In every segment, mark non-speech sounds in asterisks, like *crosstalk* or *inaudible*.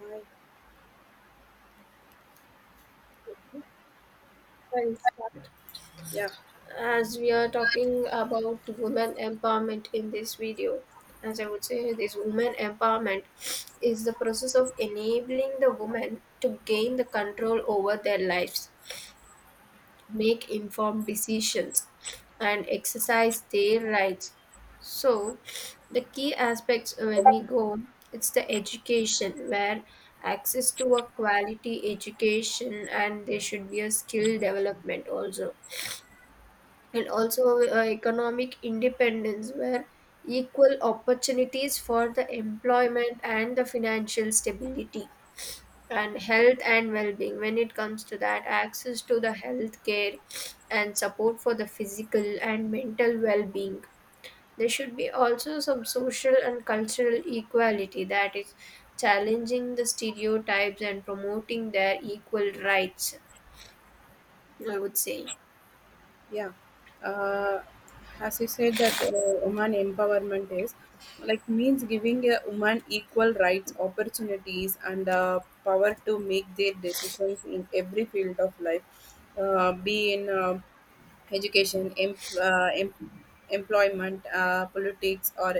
Uh, Okay, I'll start. yeah, As we are talking about women empowerment in this video, as I would say, this women empowerment is the process of enabling the woman to gain the control over their lives, make informed decisions, and exercise their rights. So, the key aspects when we go, it's the education where access to a quality education and there should be a skill development also, and also economic independence where equal opportunities for the employment and the financial stability, and health and well-being when it comes to that access to the health care and support for the physical and mental well-being. There should be also some social and cultural equality, that is challenging the stereotypes and promoting their equal rights, I would say. yeah. Uh, as you said that woman empowerment is like means giving a woman equal rights, opportunities, and power to make their decisions in every field of life, be in education, employment, politics, or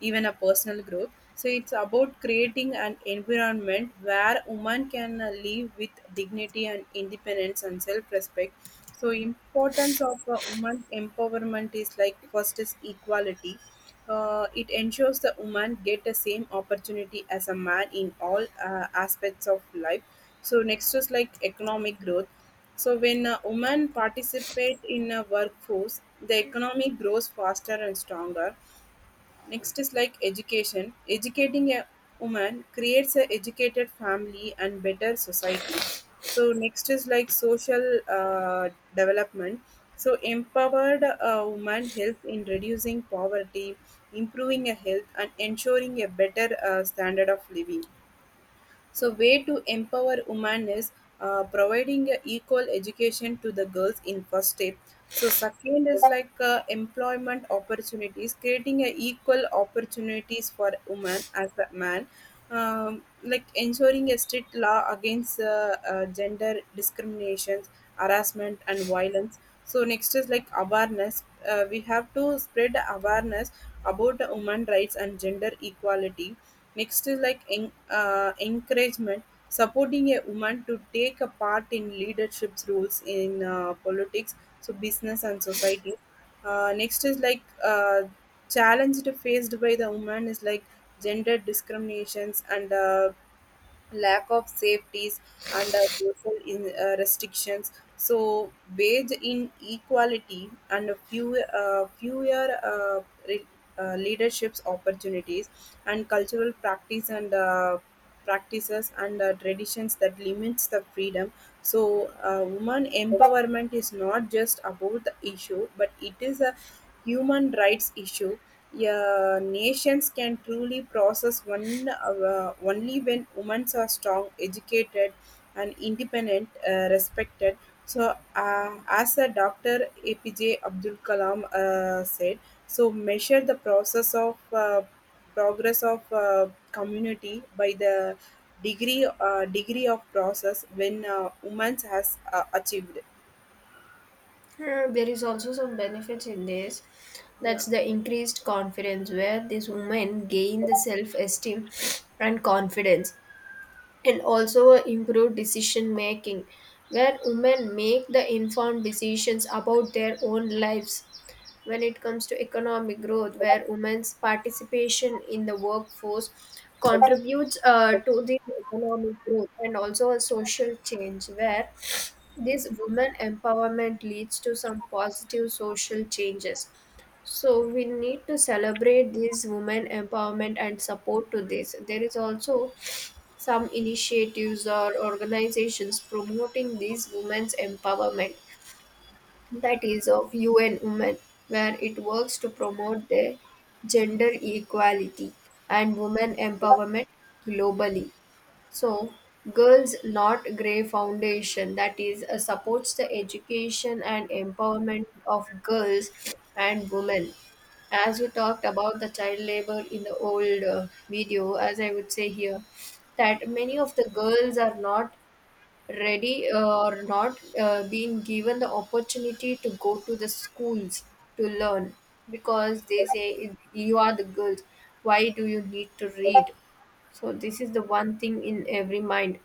even a personal growth. So it's about creating an environment where women can live with dignity and independence and self-respect. So importance of woman empowerment is like first is equality. It ensures the woman get the same opportunity as a man in all aspects of life. So next is like economic growth, so when women participate in a workforce, the economy grows faster and stronger. Next is like education. Educating a woman creates a educated family and better society. So next is like social development. So empowered woman helps in reducing poverty, improving a health, and ensuring a better standard of living. So way to empower women is providing a equal education to the girls in first step. So second is like employment opportunities, creating a equal opportunities for women as a man. Like ensuring a strict law against gender discriminations, harassment, and violence. So next is like awareness. We have to spread awareness about the women rights and gender equality. Next is like encouragement, supporting a woman to take a part in leadership roles in politics, so business and society. Next is like challenge faced by the woman is like gender discriminations and lack of safeties and social restrictions. So wage inequality and a few fewer leaderships opportunities and cultural practice and practices and traditions that limits the freedom. So woman empowerment is not just about the issue, but it is a human rights issue. A nations can truly process one only when women are strong, educated, and independent, respected. So, as a Dr. APJ Abdul Kalam said, so measure the process of progress of community by the degree of process when women has achieved. There is also some benefits in this, that's the increased confidence where these women gain the self-esteem and confidence, and also improve decision making where women make the informed decisions about their own lives. When it comes to economic growth, where women's participation in the workforce contributes to the economic growth, and also a social change where this women empowerment leads to some positive social changes. So we need to celebrate this women empowerment and support to this. There is also some initiatives or organizations promoting these women's empowerment, that is, of UN Women, where it works to promote their gender equality and women empowerment globally. So, Girls Not Grey Foundation, that is, supports the education and empowerment of girls and women. As we talked about the child labor in the old video, as I would say here, that many of the girls are not ready or not being given the opportunity to go to the schools to learn, because they say you are the girls, why do you need to read? So this is the one thing in every mind.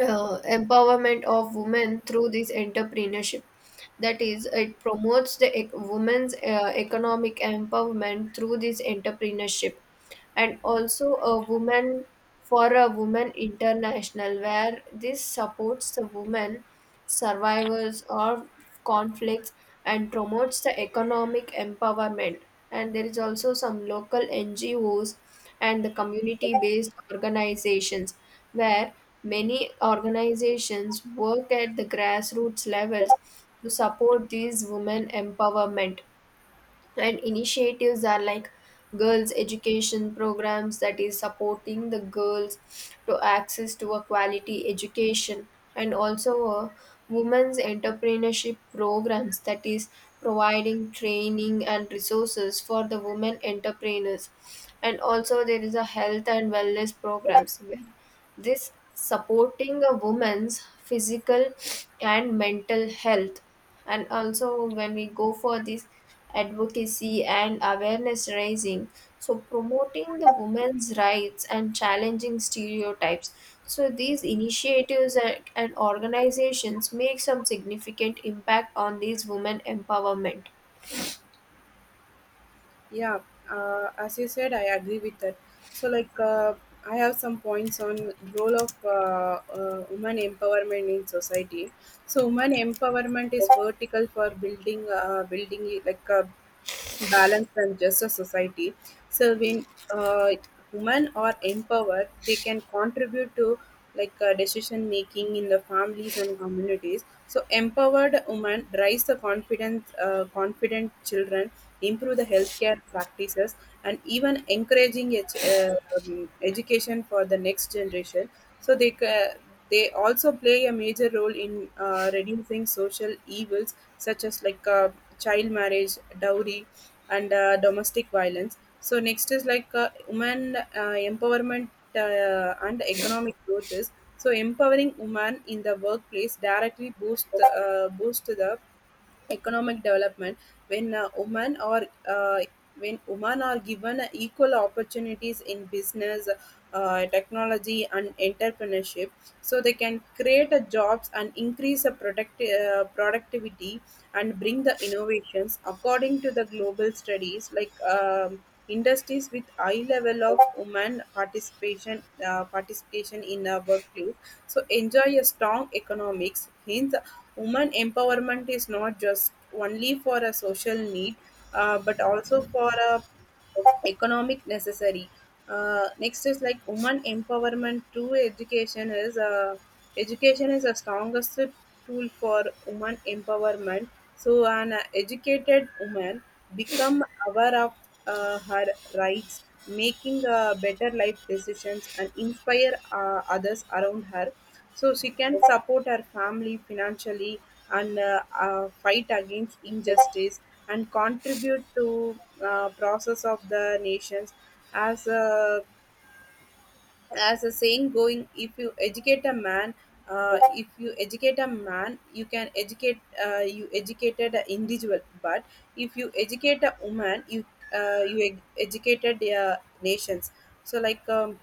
Empowerment of women through this entrepreneurship. That is, it promotes the women's economic empowerment through this entrepreneurship, and also a woman for a woman international, where this supports the woman survivors of conflicts and promotes the economic empowerment. And there is also some local NGOs and the community based organizations where many organizations work at the grassroots levels to support these women empowerment, and initiatives are like girls education programs that is supporting the girls to access to a quality education, and also a women's entrepreneurship programs that is providing training and resources for the women entrepreneurs, and also there is a health and wellness programs, this supporting a woman's physical and mental health. And also, when we go for this advocacy and awareness raising, so promoting the women's rights and challenging stereotypes. So these initiatives and organizations make some significant impact on these women empowerment. Yeah, as you said, I agree with that. So, like, I have some points on the role of women empowerment in society. So, women empowerment is vertical for building like Balance than just a society. So when women are empowered, they can contribute to like decision making in the families and communities. So empowered women raise confident children, improve the healthcare practices, and even encouraging education for the next generation. So they also play a major role in reducing social evils such as like child marriage, dowry, and domestic violence. So next is like women empowerment and economic growth is so empowering women in the workplace directly boosts boost the economic development when women are when women are given equal opportunities in business, technology and entrepreneurship so they can create a jobs and increase the productivity and bring the innovations according to the global studies like Industries with high level of women participation in a workplace, so enjoy a strong economics. Hence, women empowerment is not just only for a social need, but also for a economic necessary. Next is like women empowerment through education is the strongest tool for woman empowerment. So an educated woman become aware of her rights, making better life decisions and inspire others around her. So she can support her family financially and fight against injustice and contribute to process of the nations as a as the saying going, if you educate a man, if you educate a man you can educate you educated an individual, but if you educate a woman you you educated their nations. So like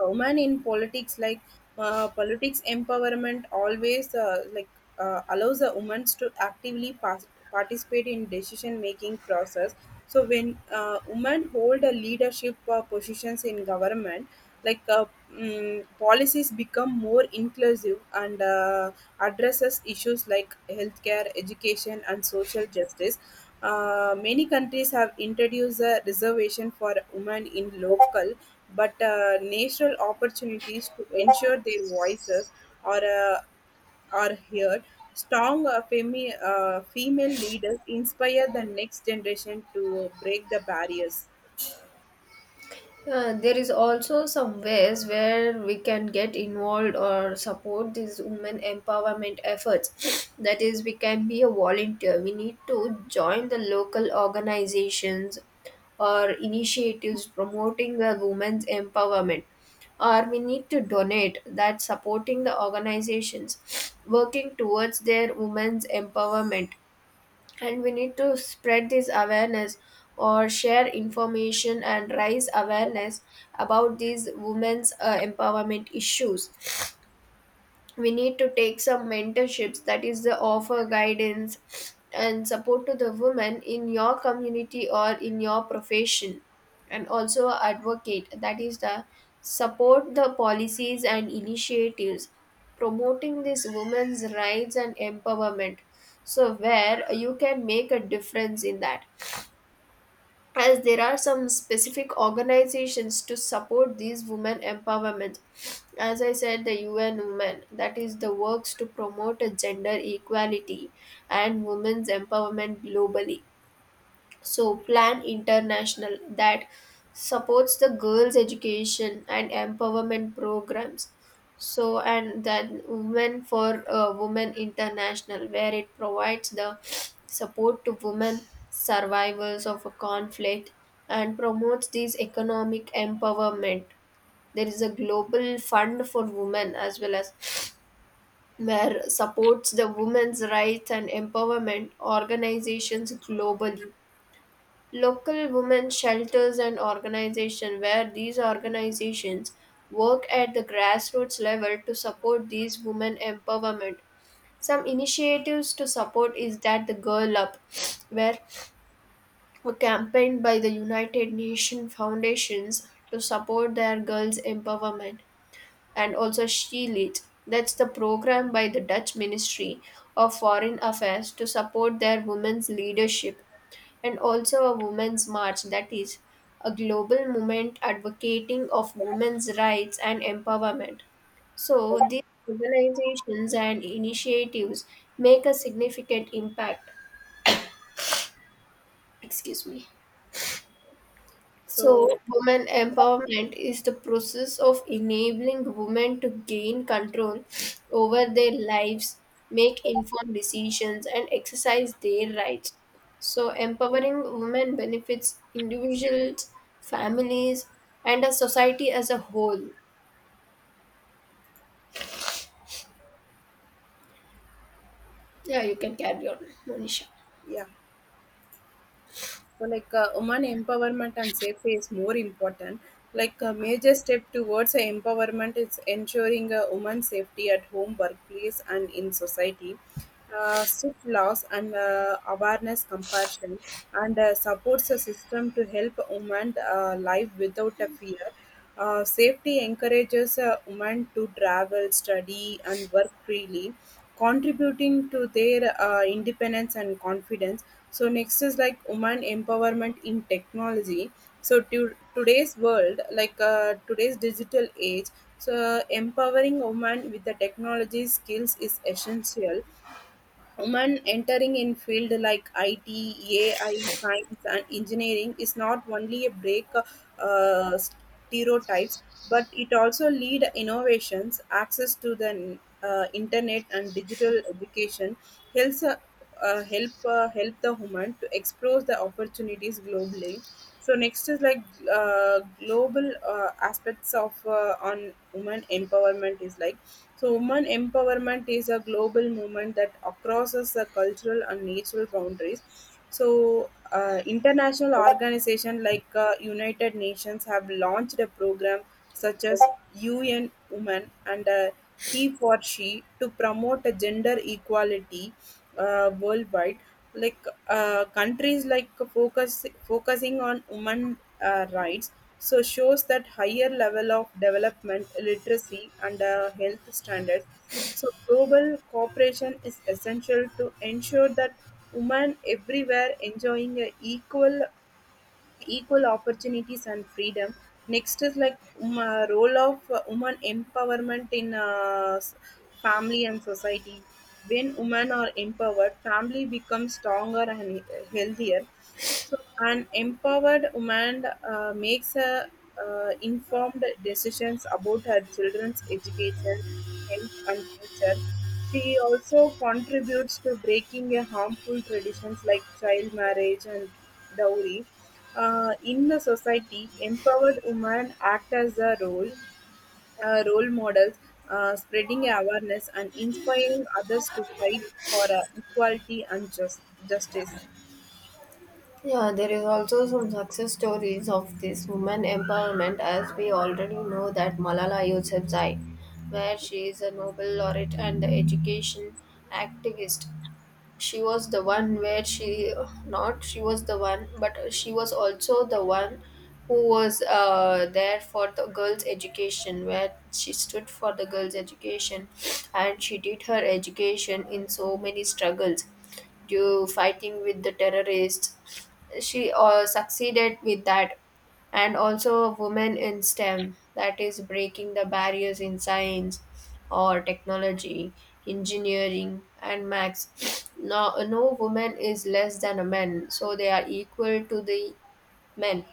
woman in politics like politics empowerment always like allows the women to actively participate in decision making process. So when women hold a leadership positions in government, like policies become more inclusive and addresses issues like healthcare education and social justice. Many countries have introduced a reservation for women in local but national opportunities to ensure their voices are uh, are heard. Strong female leaders inspire the next generation to break the barriers. There is also some ways where we can get involved or support these women empowerment efforts. *sniffs* That is, we can be a volunteer. We need to join the local organizations or initiatives promoting the women's empowerment. Or we need to donate that supporting the organizations *sniffs* working towards their women's empowerment, and we need to spread this awareness or share information and raise awareness about these women's empowerment issues. We need to take some mentorships, that is the offer guidance and support to the women in your community or in your profession, and also advocate, that is the support the policies and initiatives promoting these women's rights and empowerment, so where you can make a difference in that. As there are some specific organizations to support these women empowerment, as I said, the UN Women, that is the works to promote a gender equality and women's empowerment globally. So, Plan International that supports the girls' education and empowerment programs. So, and then Women for Women International, where it provides the support to women survivors of a conflict and promotes these economic empowerment. There is a global fund for women as well, as where supports the women's rights and empowerment organizations globally. Local women shelters and organizations, where these organizations work at the grassroots level to support these women empowerment. Some initiatives to support is that the Girl Up, where a campaign by the United Nations Foundations to support their girls empowerment, and also She Leads, that's the program by the Dutch Ministry of Foreign Affairs to support their women's leadership, and also a Women's March, that is a global movement advocating of women's rights and empowerment. So these organizations and initiatives make a significant impact. Excuse me. So, So, women empowerment is the process of enabling women to gain control over their lives, make informed decisions, and exercise their rights. So, empowering women benefits individuals, families, and a society as a whole. Yeah, you can carry on, Monisha. yeah. So like women empowerment and safety is more important. Like a major step towards empowerment is ensuring women's safety at home, workplace, and in society. Strict laws and awareness, compassion, and supports a system to help women live without a fear. Safety encourages women to travel, study, and work freely, contributing to their independence and confidence. So, next is like woman empowerment in technology. So, today's world, like today's digital age, so empowering women with the technology skills is essential. Women entering in field like IT, AI, science, and engineering is not only a break stereotypes, but it also lead innovations. Access to the internet and digital education helps help the woman to explore the opportunities globally. So next is like global aspects of on women empowerment is like, so, women empowerment is a global movement that crosses the cultural and natural boundaries. So, international organizations like United Nations have launched a program such as UN Women and He for She, to promote a gender equality worldwide. Like countries like focusing on women rights, so shows that higher level of development, literacy, and health standards. So global cooperation is essential to ensure that women everywhere enjoying a equal opportunities and freedom. Next is like role of woman empowerment in family and society. When women are empowered, family becomes stronger and healthier. So, an empowered woman makes informed decisions about her children's education, health, and future. She also contributes to breaking a harmful traditions like child marriage and dowry. In the society, empowered women act as a role models, spreading awareness and inspiring others to fight for equality and justice. Yeah, there is also some success stories of this woman empowerment, as we already know that Malala Yousafzai, where she is a Nobel laureate and the education activist. She was the one where she, not she was the one, but she was also the one who was there for the girls education, where she stood for the girls education, and she did her education in so many struggles, due fighting with the terrorists. She succeeded with that. And also women in STEM, that is breaking the barriers in science or technology, engineering, and max. No, no woman is less than a man, so they are equal to the men.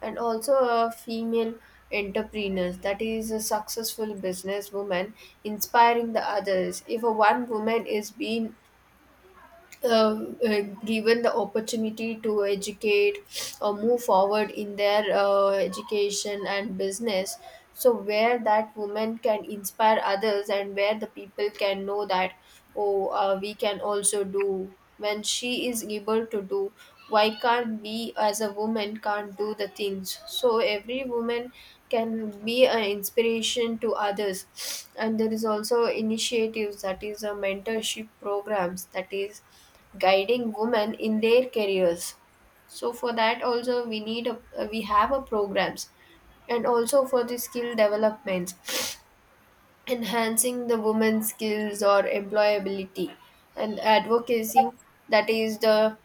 And also, a female entrepreneurs, that is a successful business woman inspiring the others. If a one woman is being given the opportunity to educate or move forward in their education and business, so where that woman can inspire others, and where the people can know that, oh we can also do when she is able to do, why can't we as a woman can't do the things? So every woman can be an inspiration to others. And there is also initiatives, that is a mentorship programs, that is guiding women in their careers. So for that also we need a, we have a programs, and also for the skill developments, enhancing the women's skills or employability, and advocacy, that is the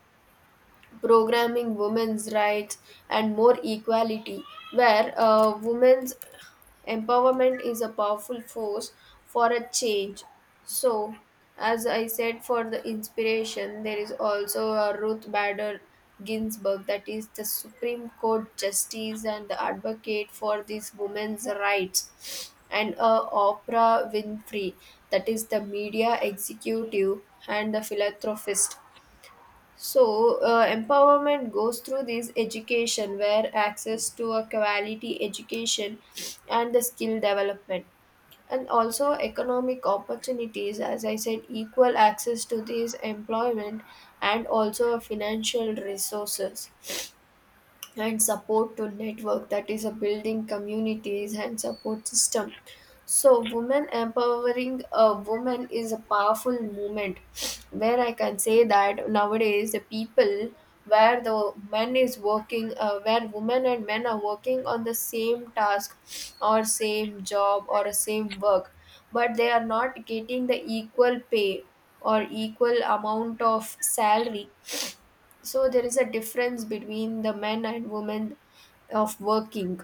programming women's rights and more equality, where women's empowerment is a powerful force for a change. So, as I said, for the inspiration, there is also a Ruth Bader Ginsburg, that is the Supreme Court Justice and the advocate for these women's rights, and Oprah Winfrey, that is the media executive and the philanthropist. So, empowerment goes through this education where access to a quality education and the skill development, and also economic opportunities, as I said, equal access to these employment, and also financial resources, and support to network, that is a building communities and support system. So women empowering a woman is a powerful movement, where I can say that nowadays the people, where the men is working where women and men are working on the same task or same job or a same work, but they are not getting the equal pay or equal amount of salary. So there is a difference between the men and women of working.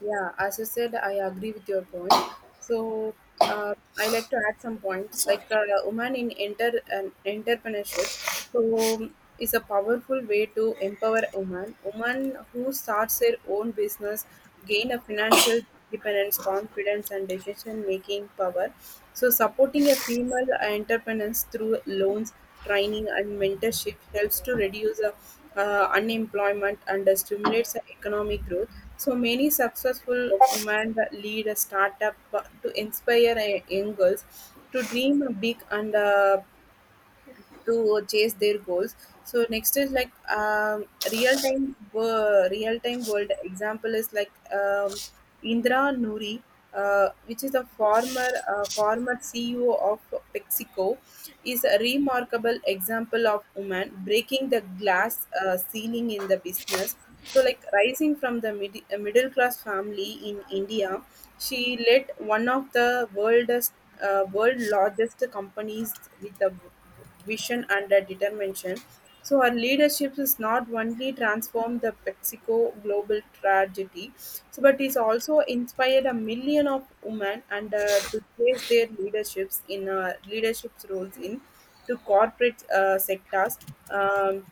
Yeah, as you said, I agree with your point. So I like to add some points. Like Sorry. A woman in enter an entrepreneurship, so is a powerful way to empower women. Women who starts their own business gain a financial dependence, confidence, and decision making power. So supporting a female entrepreneurs through loans, training, and mentorship helps to reduce unemployment and stimulates economic growth. So many successful women lead a startup to inspire young girls to dream big and to chase their goals. So next is like real time world example is like Indra Nuri, which is a former CEO of PepsiCo, is a remarkable example of woman breaking the glass ceiling in the business. So like rising from the middle class family in India, she led one of the world largest companies with vision and a determination. So her leadership is not only transformed the PepsiCo global tragedy, so, but is also inspired a million of women and to place their leaderships in leadership roles in to corporate sectors um,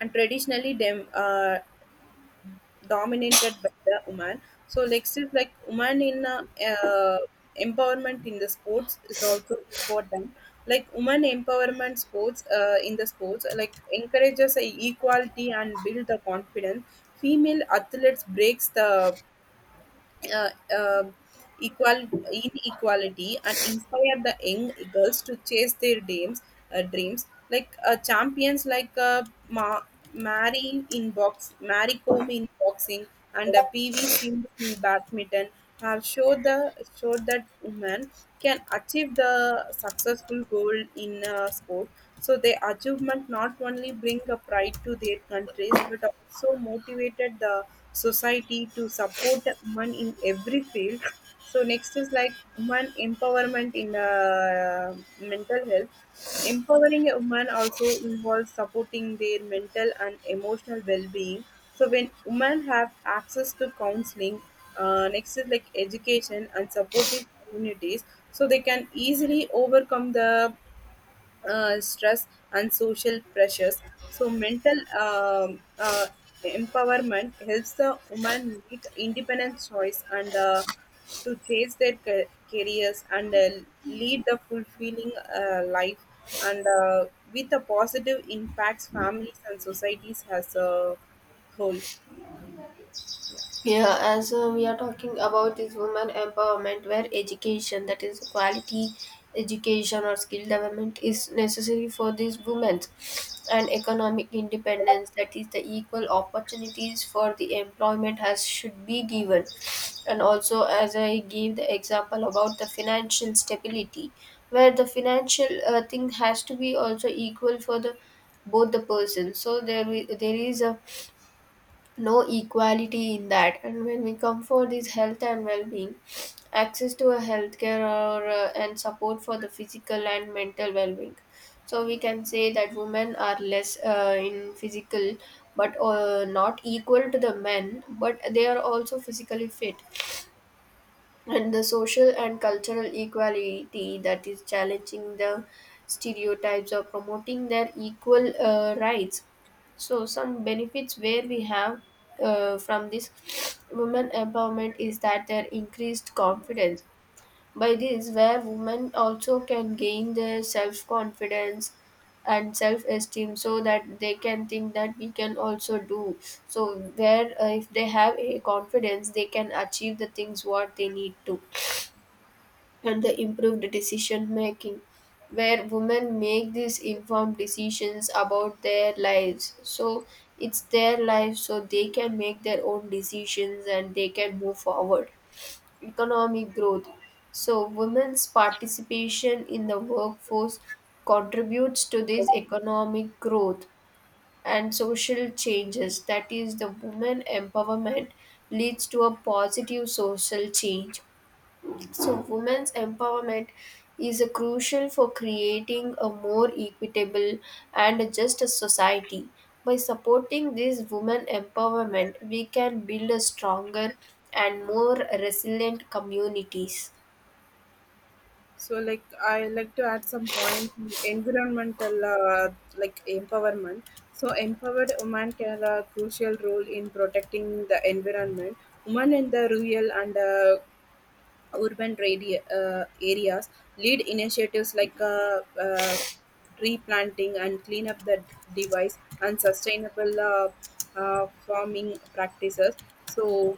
and traditionally dominated by the woman. So like still like woman in uh, empowerment in the sports is also important. Like woman empowerment sports in the sports like encourages a equality and build the confidence. Female athletes breaks the uh, um equal inequality and inspire the young girls to chase their dreams like champions like Ma- Mary Comb in boxing and PV Singh in badminton have showed that women can achieve the successful goal in sport. So their achievement not only bring a pride to their countries but also motivated the society to support women in every field. So next is like women empowerment in mental health. Empowering a woman also involves supporting their mental and emotional well-being. So when women have access to counseling, next is like education and supportive communities, so they can easily overcome the stress and social pressures. So, mental empowerment helps the woman make independent choice and to chase their careers and lead the fulfilling life and with a positive impacts families and societies as a whole. Yeah, as we are talking about this woman empowerment, where education, that is quality education or skill development, is necessary for these women, and economic independence, that is the equal opportunities for the employment has should be given, and also as I gave the example about the financial stability, where the financial thing has to be also equal for the both the persons. So there there is a no equality in that. And when we come for this health and well-being, access to a healthcare or and support for the physical and mental well-being, so we can say that women are less in physical but not equal to the men, but they are also physically fit. And the social and cultural equality, that is challenging the stereotypes or promoting their equal rights. So some benefits where we have from this women empowerment is that their increased confidence, by this where women also can gain their self confidence and self esteem, so that they can think that we can also do. So where if they have a confidence they can achieve the things what they need to, and the improved decision making where women make these informed decisions about their lives, so it's their life so they can make their own decisions and they can move forward. Economic growth, so women's participation in the workforce contributes to this economic growth, and social changes, that is the women empowerment leads to a positive social change. So, women's empowerment is a crucial for creating a more equitable and just a society. By supporting this women empowerment, we can build a stronger and more resilient communities. So, like, I like to add some point to environmental, like empowerment. So, empowered women can a crucial role in protecting the environment. Women in the rural and urban areas lead initiatives like tree planting and clean up the device and sustainable farming practices. So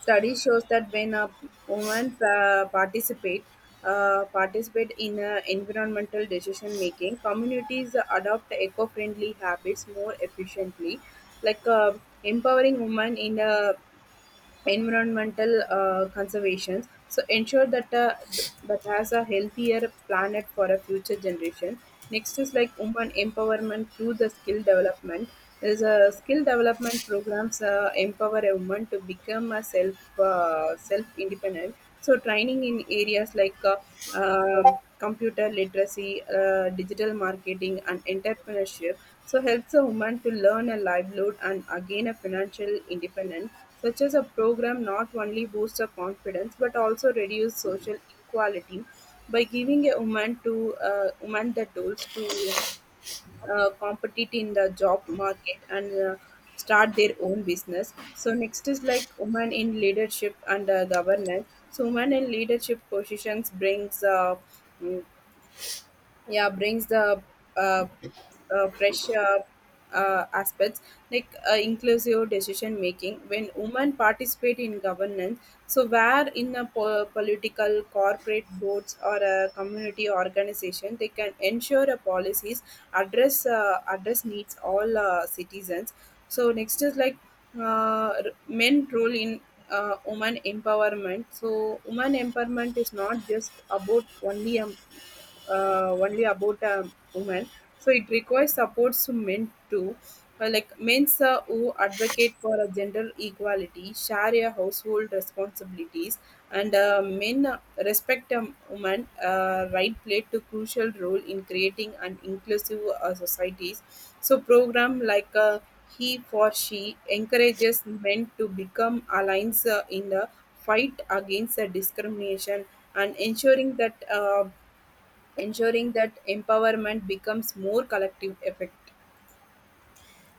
Study shows that when a woman participate in environmental decision making, communities adopt eco friendly habits more efficiently. Like empowering women in environmental conservation, so ensure that that has a healthier planet for a future generation. Next is like women empowerment through the skill development. There's a skill development programs empower a woman to become a self independent. So training in areas like computer literacy, digital marketing, and entrepreneurship so helps a woman to learn a livelihood and again a financial independence. Such as a program not only boosts her confidence but also reduce social inequality by giving a woman the tools to compete in the job market and start their own business. So next is like women in leadership and governance. So women in leadership positions brings mm, yeah brings the uh, fresh aspects like inclusive decision making when women participate in governance, so where in a political corporate boards or a community organization they can ensure a policies address needs all citizens. So next is like men role in woman empowerment. So woman empowerment is not just about only a only about a woman, so it requires supports to men too. Like men sir, who advocate for a gender equality, share a household responsibilities and men respect a woman right played to crucial role in creating an inclusive societies. So program like he for she encourages men to become allies in the fight against the discrimination and ensuring that empowerment becomes more collective effect.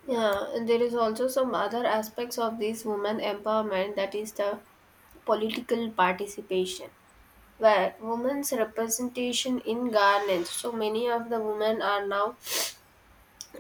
Yeah, Yeah, and there is also some other aspects of this women empowerment, that is the political participation, where women's representation in governance, so many of the women are now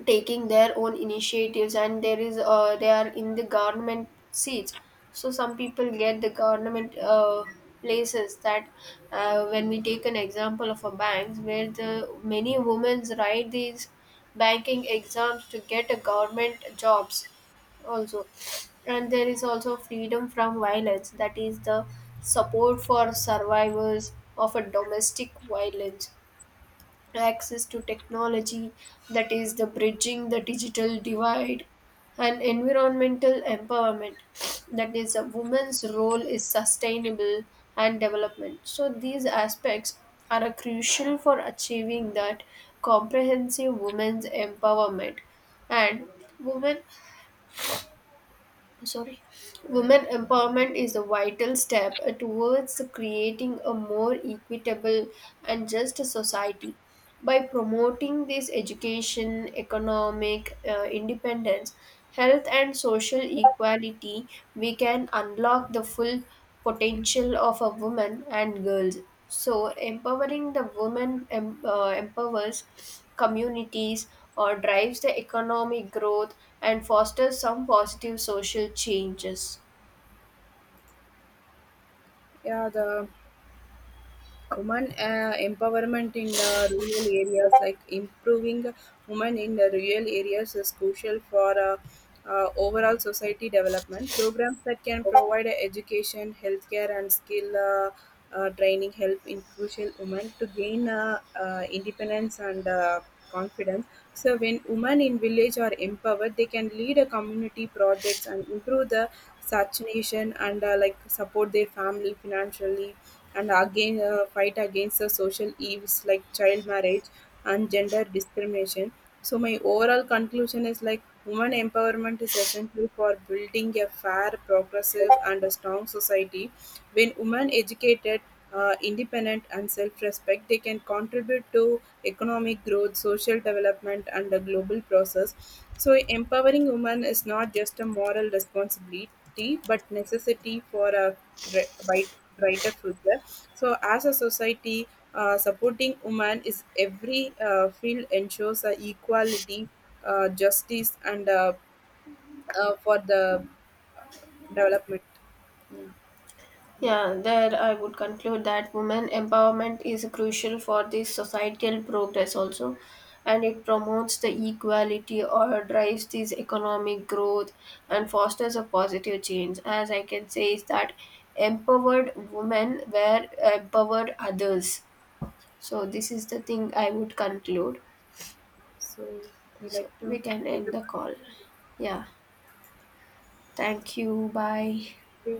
taking their own initiatives, and there is they are in the government seats, so some people get the government places. That when we take an example of a bank where the many women write these banking exams to get a government jobs also. And there is also freedom from violence, that is the support for survivors of a domestic violence, access to technology, that is the bridging the digital divide, and environmental empowerment, that is a woman's role is sustainable and development. So these aspects are a crucial for achieving that comprehensive women's empowerment. And women, sorry, women empowerment is a vital step towards creating a more equitable and just society. By promoting this education, economic independence, health and social equality, we can unlock the full potential of a woman and girls. So, empowering the women empowers communities or drives the economic growth and fosters some positive social changes. yeah, the women empowerment in the rural areas, like improving women in the rural areas is crucial for overall society development programs that can provide education healthcare and skill training, help in crucial women to gain independence and confidence. So when women in village are empowered, they can lead a community projects and improve the saturation and like support their family financially and again fight against the social evils like child marriage and gender discrimination. So my overall conclusion is like women empowerment is essential for building a fair, progressive, and a strong society. When women educated, independent, and self-respect, they can contribute to economic growth, social development, and the global process. So empowering women is not just a moral responsibility, but necessity for a bright, brighter future. So, as a society, supporting women is every field ensures equality, justice, and for the development. Yeah, like Yeah, that. there I would conclude that women empowerment is crucial for the societal progress also, and it promotes the equality or drives this economic growth and fosters a positive change. As I can say, is that empowered women were empowered others. So this is the thing I would conclude. So, we like So to we can end end the call. Yeah. Thank you. Bye. the